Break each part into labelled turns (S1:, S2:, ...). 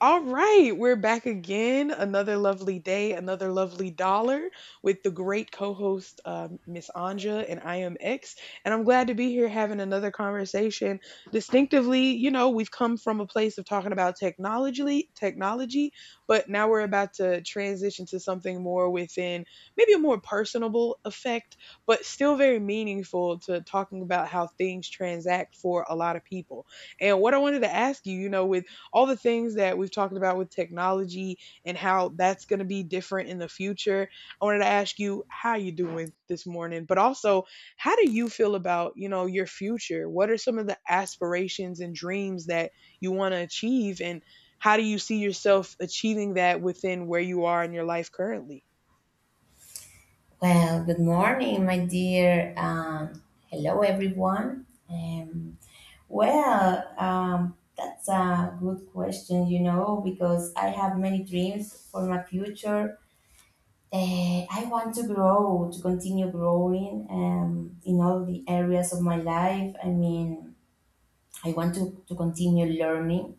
S1: All right, we're back again. Another lovely day, another lovely dollar with the great co host, Miss Anja, and I am X. And I'm glad to be here having another conversation. Distinctively, you know, we've come from a place of talking about technology, technology, but now we're about to transition to something more within maybe a more personable effect, but still very meaningful to talking about how things transact for a lot of people. And what I wanted to ask you, you know, with all the things that we've talked about with technology and how that's going to be different in the future. I wanted to ask you how you doing this morning, but also how do you feel about, you know, your future? What are some of the aspirations and dreams that you want to achieve and how do you see yourself achieving that within where you are in your life currently?
S2: Well, good morning, my dear. Hello, everyone. That's a good question, you know, because I have many dreams for my future. I want to grow, to continue growing in all the areas of my life. I mean, I want to continue learning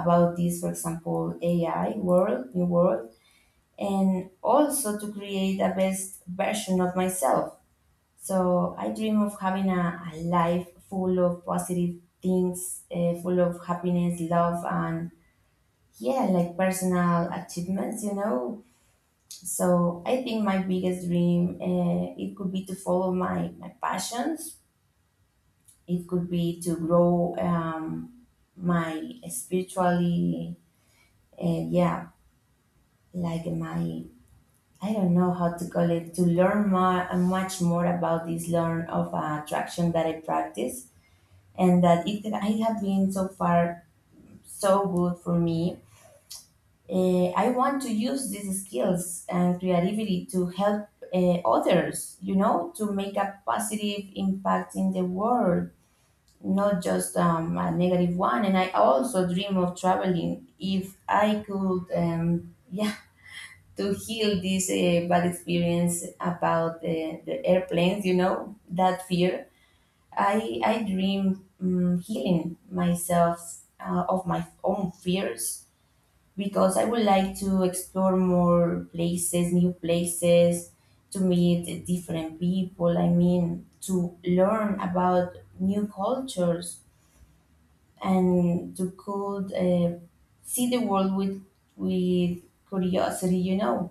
S2: about this, for example, AI world, new world, and also to create the best version of myself. So I dream of having a life full of positive things, full of happiness, love, and yeah, like personal achievements. So I think my biggest dream, it could be to follow my passions. It could be to grow my spiritually, uh, yeah, like my, I don't know how to call it, to learn more, much more about this learn of attraction that I practice and that it had been so far so good for me. I want to use these skills and creativity to help others, you know, to make a positive impact in the world, not just a negative one. And I also dream of traveling if I could, yeah, to heal this bad experience about the airplanes, you know, that fear. I dream healing myself of my own fears, because I would like to explore more places, new places, to meet different people. I mean, to learn about new cultures and to could see the world with with curiosity, you know.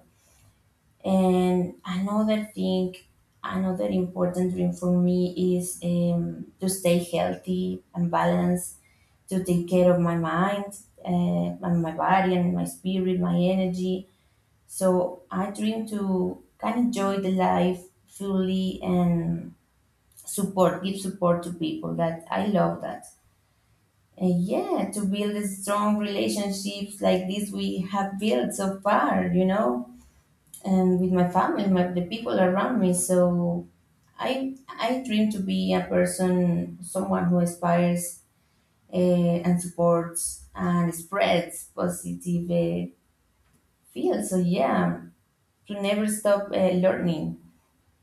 S2: And another thing, another important dream for me is to stay healthy and balanced, to take care of my mind and my body and my spirit, my energy. So I dream to can enjoy the life fully and support, give support to people that I love. That. And yeah, to build the strong relationships like this we have built so far, you know, and with my family, my, the people around me. So I dream to be a person, someone who inspires uh, and supports and spreads positive fields. So yeah, to never stop learning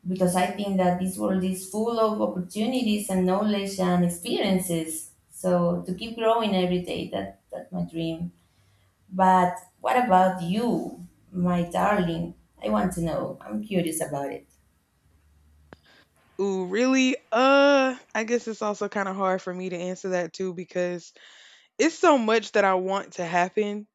S2: because I think that this world is full of opportunities and knowledge and experiences. So to keep growing every day, that's my dream. But what about you, my darling? I want to know. I'm curious about it.
S1: Ooh, really? I guess it's also kind of hard for me to answer that too because it's so much that I want to happen.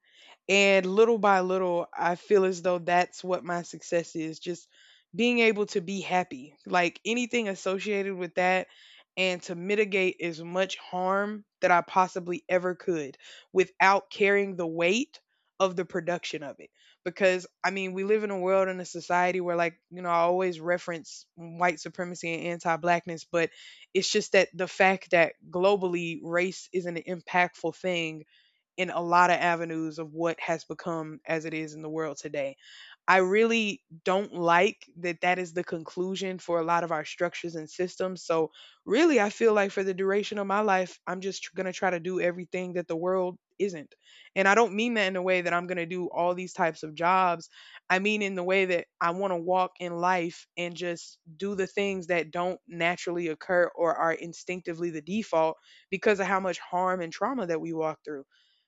S1: And little by little, I feel as though that's what my success is, just being able to be happy. Like anything associated with that, and to mitigate as much harm that I possibly ever could without carrying the weight of the production of it. Because, I mean, we live in a world and a society where, like, you know, I always reference white supremacy and anti blackness, but it's just that the fact that globally race is an impactful thing in a lot of avenues of what has become as it is in the world today. I really don't like that that is the conclusion for a lot of our structures and systems. So, really, I feel like for the duration of my life, I'm just going to try to do everything that the world isn't. And I don't mean that in a way that I'm going to do all these types of jobs. I mean in the way that I want to walk in life and just do the things that don't naturally occur or are instinctively the default because of how much harm and trauma that we walk through.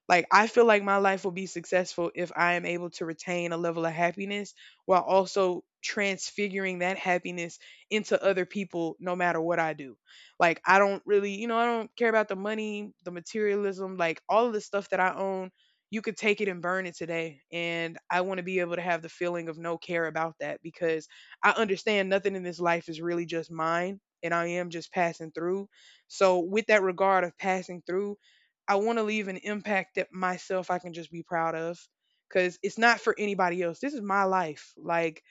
S1: Like, I feel like my life will be successful if I am able to retain a level of happiness while also transfiguring that happiness into other people no matter what I do. Like, I don't really, you know, I don't care about the money, the materialism, like all of the stuff that I own, you could take it and burn it today and I want to be able to have the feeling of no care about that because I understand nothing in this life is really just mine and I am just passing through. So with that regard of passing through, I want to leave an impact that myself I can just be proud of because it's not for anybody else. This is my life. Like,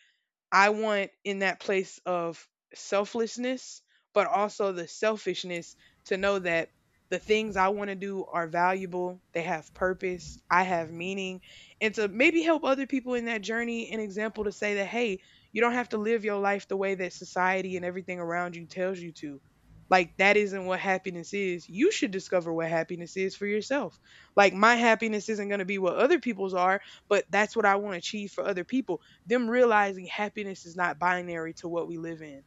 S1: I want, in that place of selflessness, but also the selfishness, to know that the things I want to do are valuable, they have purpose, I have meaning, and to maybe help other people in that journey, an example to say that, hey, you don't have to live your life the way that society and everything around you tells you to. Like, that isn't what happiness is. You should discover what happiness is for yourself. Like, my happiness isn't going to be what other people's are, but that's what I want to achieve for other people, them realizing happiness is not binary to what we live in.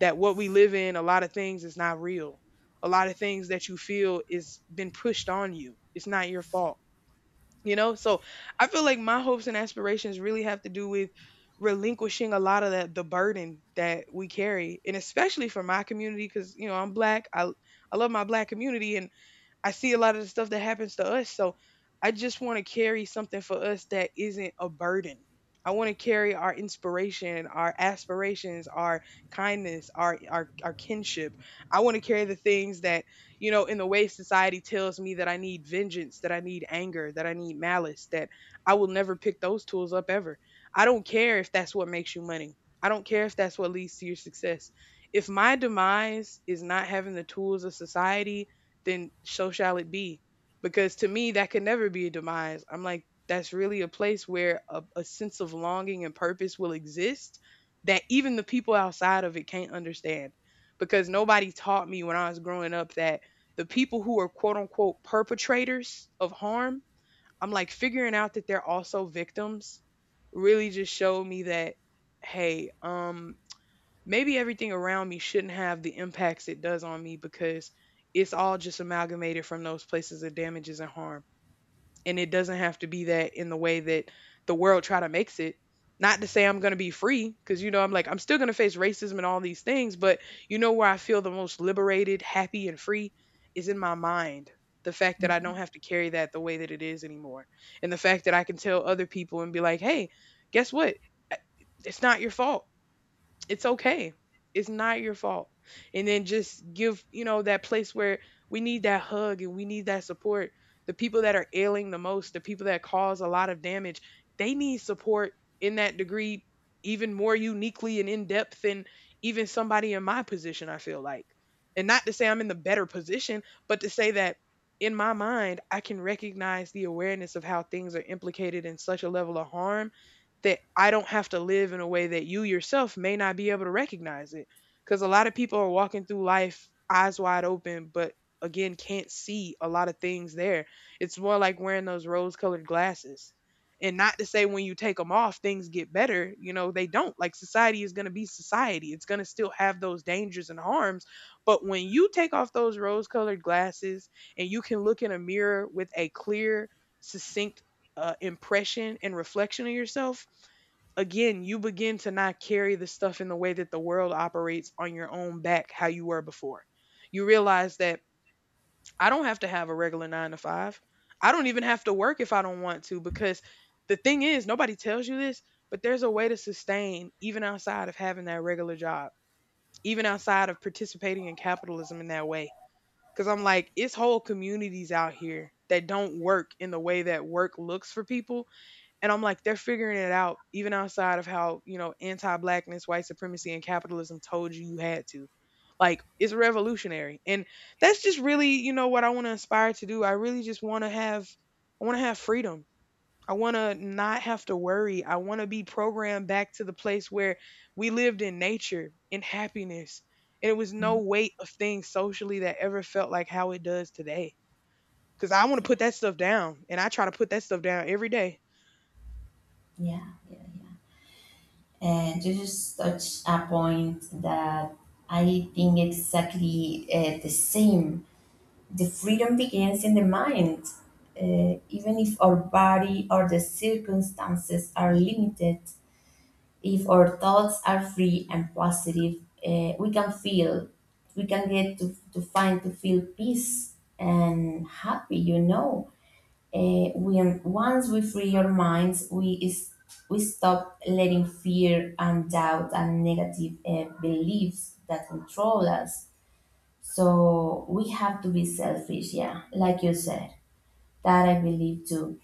S1: That what we live in, a lot of things is not real. A lot of things that you feel is been pushed on you. It's not your fault. You know? So I feel like my hopes and aspirations really have to do with relinquishing a lot of that, the burden that we carry. And especially for my community, because you know, I'm black. I love my black community and I see a lot of the stuff that happens to us. So I just want to carry something for us that isn't a burden. I want to carry our inspiration, our aspirations, our kindness, our our kinship. I want to carry the things that, you know, in the way society tells me that I need vengeance, that I need anger, that I need malice, that I will never pick those tools up ever. I don't care if that's what makes you money. I don't care if that's what leads to your success. If my demise is not having the tools of society, then so shall it be. Because to me, that could never be a demise. I'm like, that's really a place where a sense of longing and purpose will exist that even the people outside of it can't understand. Because nobody taught me when I was growing up that the people who are quote unquote perpetrators of harm, I'm like, figuring out that they're also victims really just showed me that, hey, maybe everything around me shouldn't have the impacts it does on me because it's all just amalgamated from those places of damages and harm and it doesn't have to be that in the way that the world try to makes it. Not to say I'm going to be free, because you know, I'm like, I'm still going to face racism and all these things, but you know, where I feel the most liberated, happy and free is in my mind. The fact that I don't have to carry that the way that it is anymore, and the fact that I can tell other people and be like, hey, guess what, it's not your fault, it's okay. It's not your fault. And then just give, you know, that place where we need that hug and we need that support. The people that are ailing the most, the people that cause a lot of damage, they need support in that degree even more uniquely and in depth than even somebody in my position, I feel like. And not to say I'm in the better position, but to say that in my mind, I can recognize the awareness of how things are implicated in such a level of harm that I don't have to live in a way that you yourself may not be able to recognize it. Because a lot of people are walking through life eyes wide open, but again, can't see a lot of things there. It's more like wearing those rose colored glasses. And not to say when you take them off, things get better. You know, they don't. Like, society is going to be society, it's going to still have those dangers and harms. But when you take off those rose colored glasses and you can look in a mirror with a clear, succinct, impression and reflection of yourself, again, you begin to not carry the stuff in the way that the world operates on your own back, how you were before. You realize that I don't have to have a regular nine to five. I don't even have to work if I don't want to, because the thing is, nobody tells you this, but there's a way to sustain even outside of having that regular job, even outside of participating in capitalism in that way. Because I'm like, it's whole communities out here that don't work in the way that work looks for people and I'm like, they're figuring it out even outside of how, you know, anti-blackness, white supremacy, and capitalism told you you had to. Like, it's revolutionary. And that's just really, you know, what I want to aspire to do. I really just want to have, I want to have freedom. I want to not have to worry. I want to be programmed back to the place where we lived in nature, in happiness. And it was no weight of things socially that ever felt like how it does today. Cause I want to put that stuff down. And I try to put that stuff down every day.
S2: Yeah, yeah, yeah. And you just touch a point that I think exactly the same. The freedom begins in the mind. Even if our body or the circumstances are limited, if our thoughts are free and positive, we can feel, we can get to find, to feel peace and happy, you know. When once we free our minds, we stop letting fear and doubt and negative beliefs that control us. So we have to be selfish, yeah, like you said. That I believe too.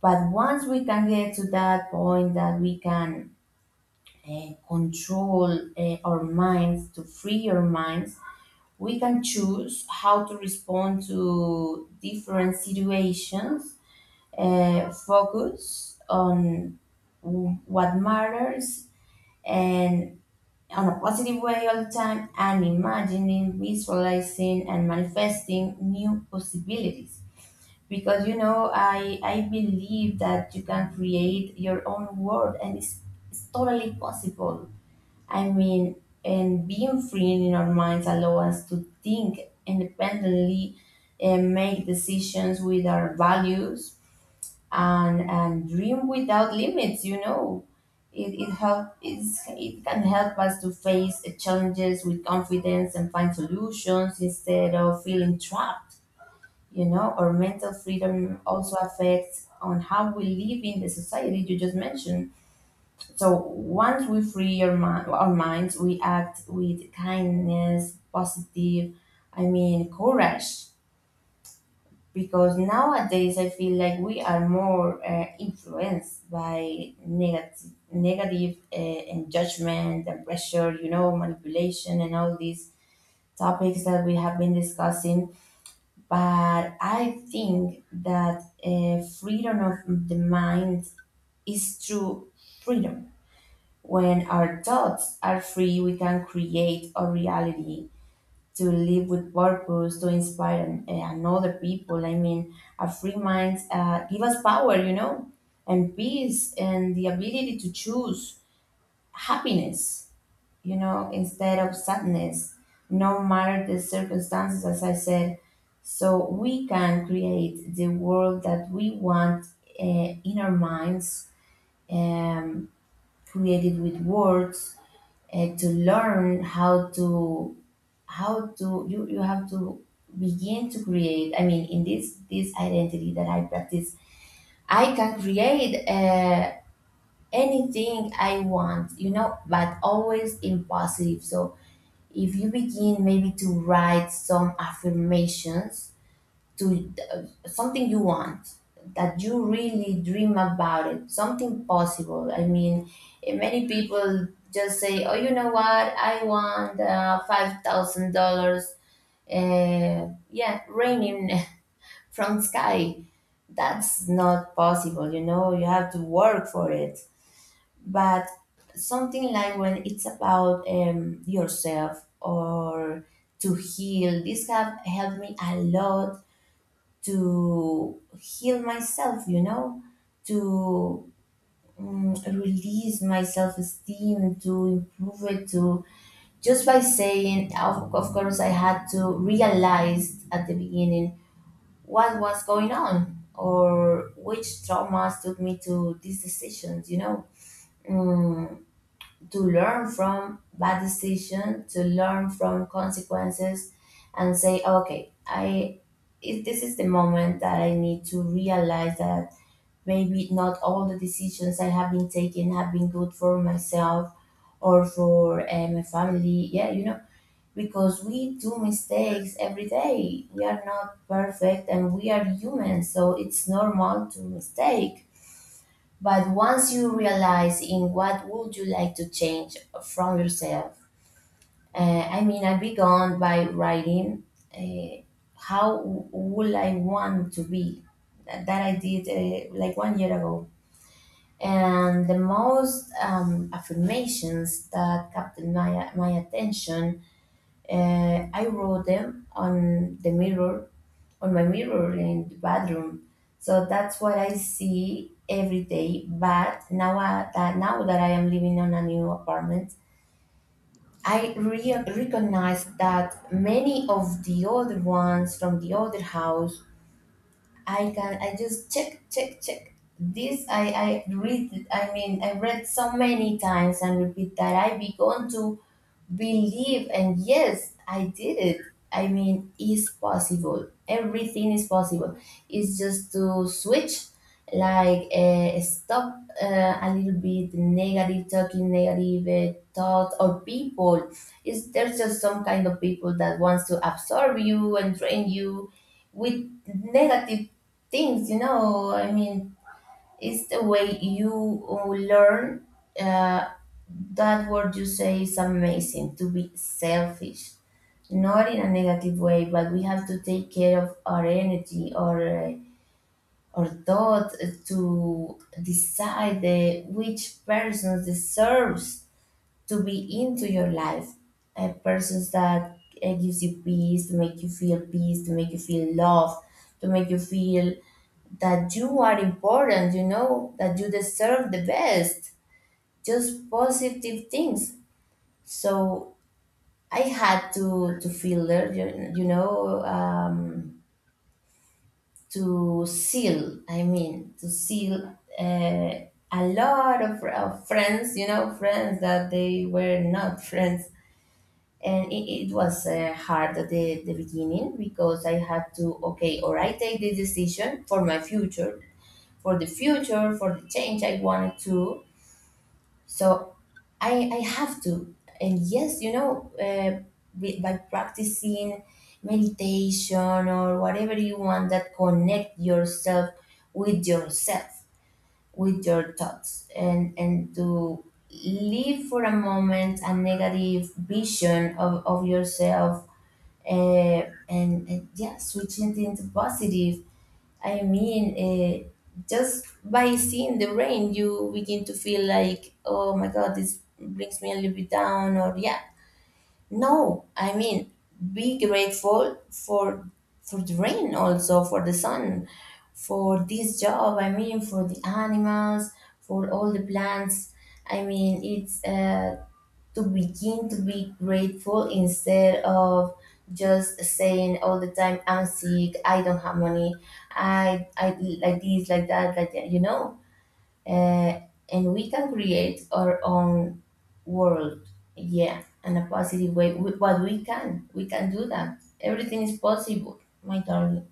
S2: But once we can get to that point that we can control our minds, to free our minds, we can choose how to respond to different situations, focus on what matters and on a positive way all the time and imagining, visualizing, and manifesting new possibilities. Because you know, I believe that you can create your own world and it's totally possible. I mean, and being free in our minds allow us to think independently and make decisions with our values and dream without limits, you know. It it can help us to face challenges with confidence and find solutions instead of feeling trapped. You know, our mental freedom also affects on how we live in the society you just mentioned. So once we free our minds, we act with kindness positive, I mean courage, because nowadays I feel like we are more influenced by negative and judgment and pressure, you know, manipulation and all these topics that we have been discussing. But I think that freedom of the mind is true freedom. When our thoughts are free, we can create a reality to live with purpose, to inspire and other people. I mean, a free mind give us power, you know, and peace and the ability to choose happiness, you know, instead of sadness, no matter the circumstances, as I said. So we can create the world that we want in our minds, um, created with words, to learn how to you have to begin to create. I mean, in this identity that I practice, I can create anything I want, you know, but always in positive. So if you begin maybe to write some affirmations to something you want that you really dream about it, something possible. I mean, many people just say, oh, you know what, I want $5000, yeah, raining from sky. That's not possible, you know, you have to work for it. But something like when it's about yourself or to heal, this have helped me a lot to heal myself, you know, to release my self-esteem, to improve it, to just by saying, of course. I had to realize at the beginning what was going on or which traumas took me to these decisions, you know. mm, to learn from bad decisions, to learn from consequences and say, okay, I if this is the moment that I need to realize that maybe not all the decisions I have been taking have been good for myself or for my family, yeah, you know. Because we do mistakes every day. We are not perfect and we are human, so it's normal to mistake. But once you realize in what would you like to change from yourself, I mean, I began by writing uh, how would I want to be. That I did like 1 year ago. And the most affirmations that captured my attention, I wrote them on the mirror, on my mirror in the bathroom. So that's what I see every day. But now that now that I am living on a new apartment, I recognize that many of the other ones from the other house, I just check. This I read. I mean, I read so many times and repeat that I begun to believe, and yes, I did it. I mean, it's possible, everything is possible. It's just to switch, like, stop a little bit negative talking, negative thought or people. Is there's just some kind of people that wants to absorb you and drain you with negative things, you know. I mean, it's the way you learn uh, that word you say is amazing, to be selfish, not in a negative way, but we have to take care of our energy or thought, to decide which person deserves to be into your life. A persons that gives you peace, to make you feel peace, to make you feel love, to make you feel that you are important, you know, that you deserve the best, just positive things. So I had to filter, you know, to seal. I mean, to seal a lot of friends, you know, friends that they were not friends, and it was hard at the beginning, because I had to, okay, or I take this decision for my future, for the change I wanted to. So I have to. And yes, you know, by practicing meditation or whatever you want that connect yourself, with your thoughts, and to leave for a moment a negative vision of yourself, uh, and yeah, switching it into positive. I mean, just by seeing the rain, you begin to feel like, oh my God, this brings me a little bit down, or yeah. No, I mean, be grateful for the rain, also for the sun, for this job. I mean, for the animals, for all the plants. I mean, it's to begin to be grateful instead of just saying all the time, I'm sick, I don't have money, I like this, like that, like that, you know. uh, and we can create our own world, yeah, in a positive way. But we can, we can do that. Everything is possible, my darling.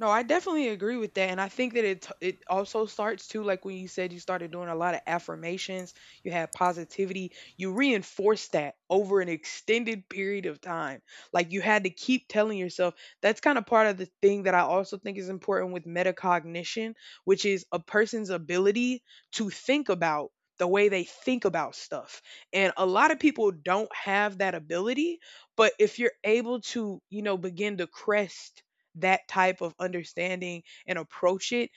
S1: No, I definitely agree with that, and I think that it also starts too, like when you said you started doing a lot of affirmations, you had positivity, you reinforced that over an extended period of time. Like, you had to keep telling yourself. That's kind of part of the thing that I also think is important with metacognition, which is a person's ability to think about the way they think about stuff. And a lot of people don't have that ability, but if you're able to, you know, begin to crest that type of understanding and approach it.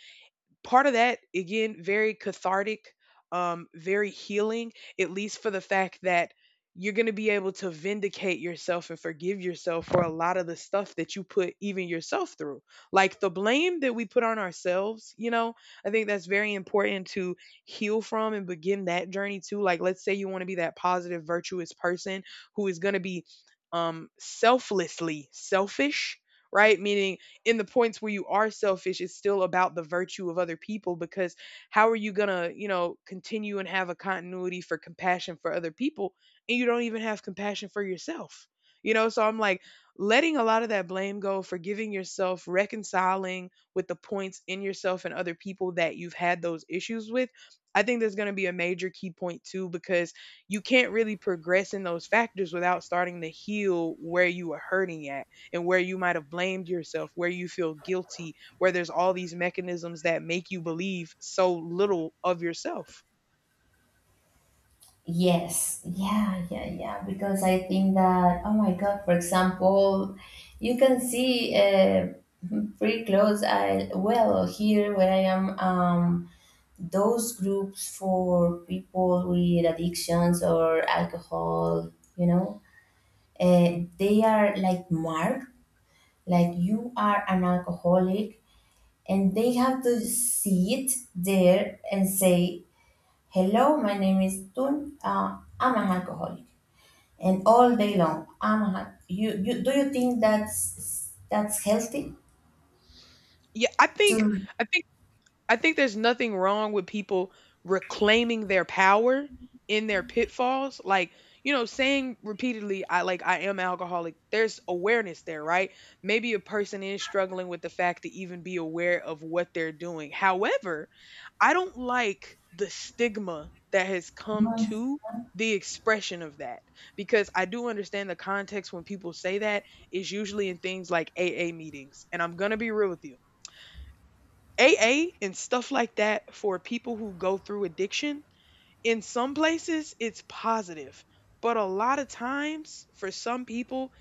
S1: Part of that, again, very cathartic, very healing, at least for the fact that you're going to be able to vindicate yourself and forgive yourself for a lot of the stuff that you put even yourself through. Like the blame that we put on ourselves, you know, I think that's very important to heal from and begin that journey too. Like, let's say you want to be that positive, virtuous person who is going to be selflessly selfish, right? Meaning in the points where you are selfish, it's still about the virtue of other people because how are you going to, you know, continue and have a continuity for compassion for other people and you don't even have compassion for yourself? You know, so I'm like letting a lot of that blame go, forgiving yourself, reconciling with the points in yourself and other people that you've had those issues with. I think that's going to be a major key point too because you can't really progress in those factors without starting to heal where you are hurting at and where you might have blamed yourself, where you feel guilty, where there's all these mechanisms that make you believe so little of yourself.
S2: Yes, yeah, yeah, yeah. Because I think that, oh my God, for example, you can see pretty close. Well, here where I am, those groups for people with addictions or alcohol, you know, they are like marked, like you are an alcoholic, and they have to sit there and say, "Hello, my name is Tun. I'm an alcoholic." And all day long. You, do you think that's healthy?
S1: Yeah, I think
S2: To.
S1: I think I think there's nothing wrong with people reclaiming their power in their pitfalls. Like, you know, saying repeatedly, I like, I am alcoholic, there's awareness there, right? Maybe a person is struggling with the fact to even be aware of what they're doing. However, I don't like the stigma that has come
S2: Mhm.
S1: to the expression of that because I do understand the context when people say that is usually in things like AA meetings. And I'm going to be real with you. AA and stuff like that for people who go through addiction, in some places it's positive, but a lot of times for some people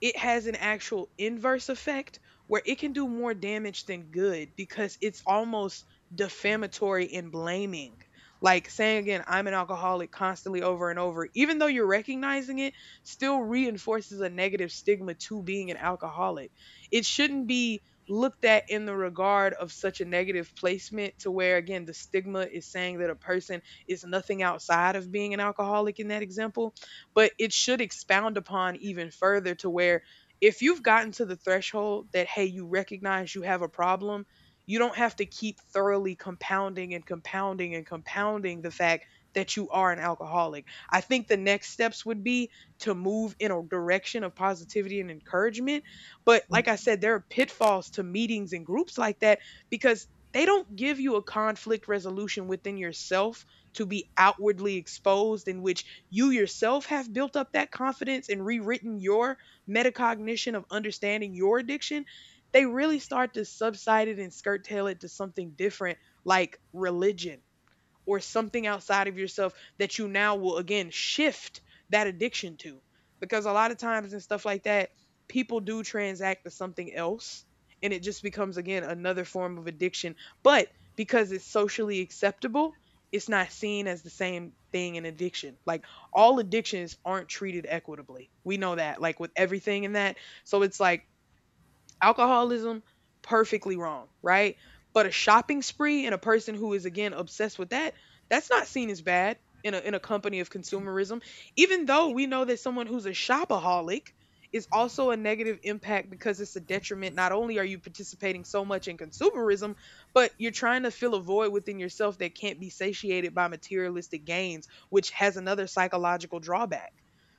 S1: it has an actual inverse effect where it can do more damage than good because it's almost defamatory and blaming. Like saying again, I'm an alcoholic constantly over and over, even though you're recognizing it, still reinforces a negative stigma to being an alcoholic. It shouldn't be looked at in the regard of such a negative placement to where, again, the stigma is saying that a person is nothing outside of being an alcoholic in that example, but it should expound upon even further to where, if you've gotten to the threshold that, hey, you recognize you have a problem, you don't have to keep thoroughly compounding and compounding and compounding the fact that you are an alcoholic. I think the next steps would be to move in a direction of positivity and encouragement. But like I said, there are pitfalls to meetings and groups like that because they don't give you a conflict resolution within yourself to be outwardly exposed in which you yourself have built up that confidence and rewritten your metacognition of understanding your addiction. They really start to subside it and skirt tail it to something different, like religion or something outside of yourself that you now will again shift that addiction to. Because a lot of times and stuff like that, people do transact to something else and it just becomes again another form of addiction. But because it's socially acceptable, it's not seen as the same thing in addiction. Like all addictions aren't treated equitably. We know that, like with everything in that. So it's like alcoholism, perfectly wrong, right? But a shopping spree and a person who is again obsessed with that, that's not seen as bad in a company of consumerism. Even though we know that someone who's a shopaholic is also a negative impact because it's a detriment. Not only are you participating so much in consumerism, but you're trying to fill a void within yourself that can't be satiated by materialistic gains, which has another psychological drawback.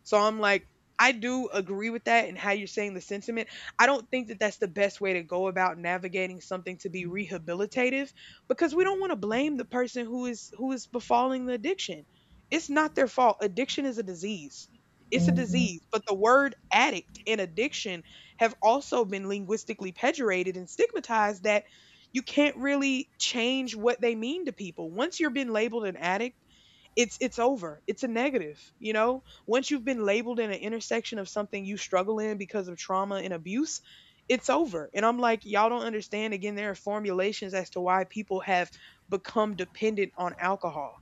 S1: So I'm like, I do agree with that and how you're saying the sentiment. I don't think that that's the best way to go about navigating something to be rehabilitative because we don't want to blame the person who is befalling the addiction. It's not their fault. Addiction is a disease. It's a
S2: Mhm.
S1: disease, but the word addict and addiction have also been linguistically pejorated and stigmatized that you can't really change what they mean to people. Once you're been labeled an addict, it's over. It's a negative, you know? Once you've been labeled in an intersection of something you struggle in because of trauma and abuse, it's over. And I'm like, y'all don't understand, again, there are formulations as to why people have become dependent on alcohol.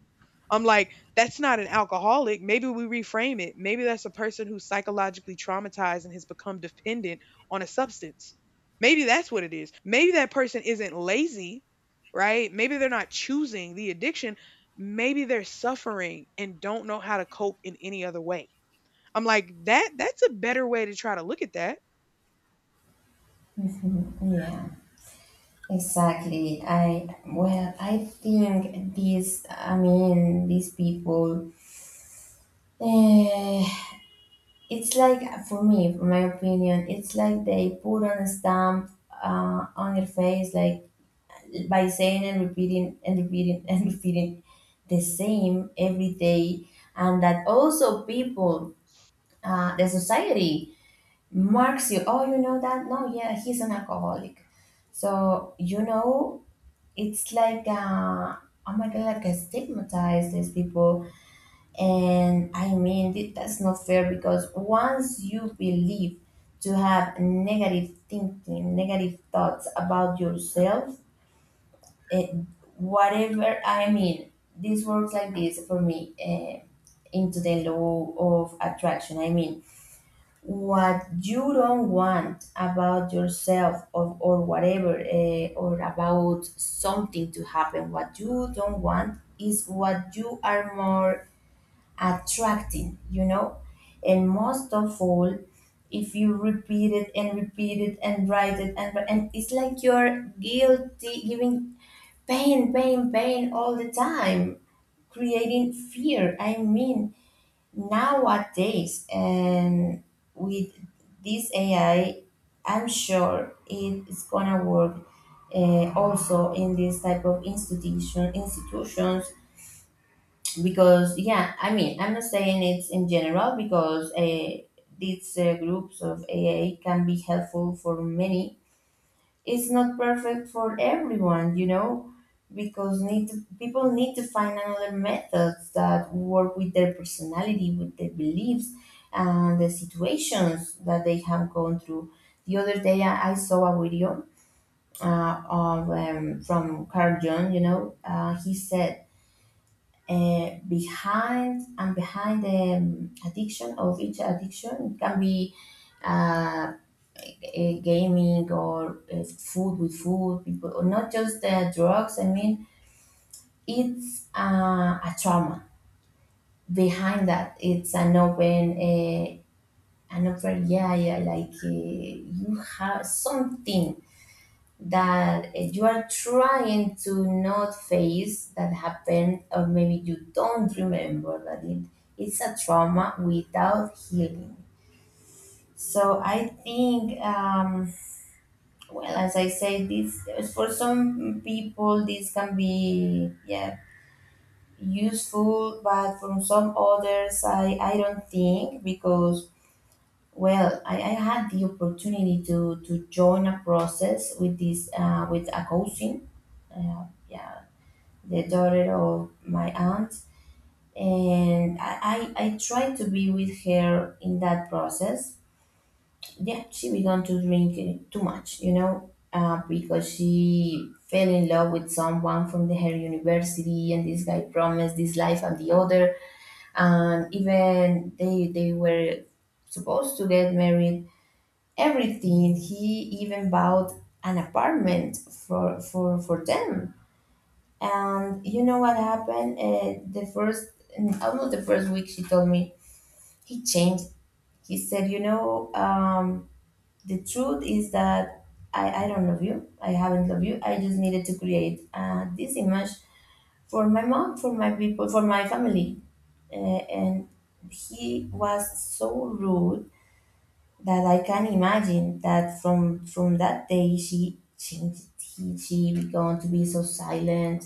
S1: I'm like, that's not an alcoholic. Maybe we reframe it. Maybe that's a person who's psychologically traumatized and has become dependent on a substance. Maybe that's what it is. Maybe that person isn't lazy, right? Maybe they're not choosing the addiction. Maybe they're suffering and don't know how to cope in any other way. I'm like, that's a better way to try to look at that.
S2: Mhm. Yeah, exactly. I well, I think these people. Eh, It's like For me, for my opinion, it's like they put on a stamp on your face, like by saying and repeating and repeating the same every day, and that also people, the society marks you. Oh, you know that? No, yeah, he's an alcoholic. So you know, it's like oh my god, like I stigmatize these people and I mean, that's not fair because once you believe to have negative thinking, negative thoughts about yourself, eh, whatever. I mean, this works like this for me, into the law of attraction. I mean, what you don't want about yourself, or whatever, or about something to happen, what you don't want is what you are more attracting, you know. And most of all, if you repeat it and write it and it's like you're guilty, giving pain, pain, pain all the time, creating fear. I mean, nowadays and with this AI, I'm sure it's gonna work also in this type of institutions because yeah, I mean, I'm not saying it's in general, because these groups of aa can be helpful for many. It's not perfect for everyone, you know, because people need to find another methods that work with their personality, with their beliefs and the situations that they have gone through. The other day, I saw a video of from Carl Jung, you know. He said, behind and behind the addiction of each addiction, it can be uh, a gaming or food with food people, or not just the drugs. I mean, it's a trauma behind that. It's an open, yeah, yeah, like you have something that you are trying to not face, that happened, or maybe you don't remember that. It's a trauma without healing. So I think, well, as I say this, for some people this can be, yeah, useful, but from some others I don't think, because well, I had the opportunity to join a process with this, with a coaching, uh, yeah, the daughter of my aunt, and I tried to be with her in that process. Yeah, she began to drink it too much, you know, because she fell in love with someone from her university, and this guy promised this life and the other, and even they were supposed to get married. Everything, he even bought an apartment for them, and you know what happened? The first, almost the first week, she told me he changed. He said, "You know, the truth is that I don't love you. I haven't loved you. I just needed to create this image for my mom, for my people, for my family." And he was so rude that I can imagine that from that day she changed. She began to be so silent.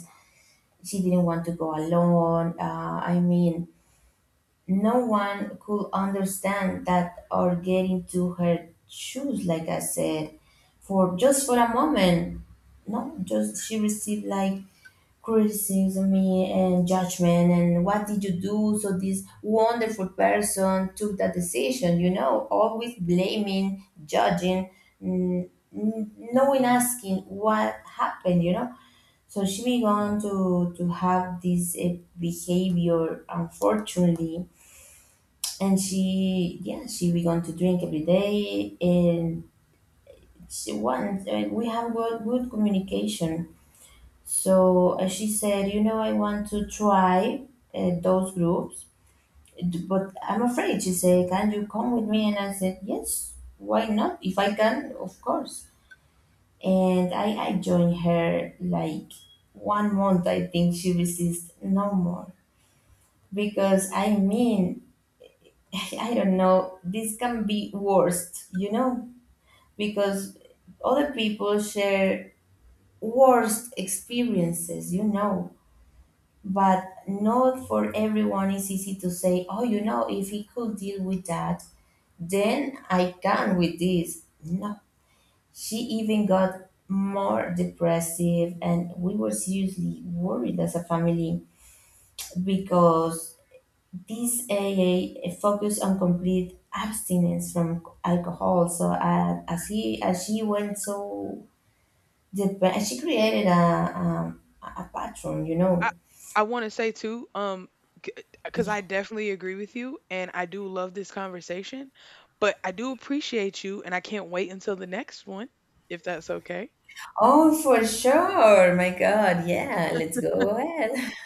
S2: She didn't want to go alone. I mean, no one could understand that or get into her shoes, like I said, for just for a moment. No, just she received like criticism and judgment, and what did you do, so this wonderful person took that decision, you know, always blaming, judging, no one asking what happened, you know. So she began to have this behavior, unfortunately, and she, yeah, she began to drink every day. And she once, we have good, good communication, so she said, you know, I want to try those groups, but I'm afraid. She said, can you come with me? And I said, yes, why not? If I can, of course. And I joined her like one month, I think. She resisted no more. Because I mean, I don't know, this can be worst, you know, because other people share worst experiences, you know, but not for everyone is easy to say, oh, you know, if he could deal with that, then I can with this. No, she even got more depressive, and we were seriously worried as a family, because this aa focused on complete abstinence from alcohol. So, as she went so she created a, a pattern, you
S1: I
S2: know.
S1: I want to say too, because I definitely agree with you, and I do love this conversation, but I do appreciate you, and I can't wait until the next one, if that's okay.
S2: Oh, for sure. My God. Yeah, let's go ahead.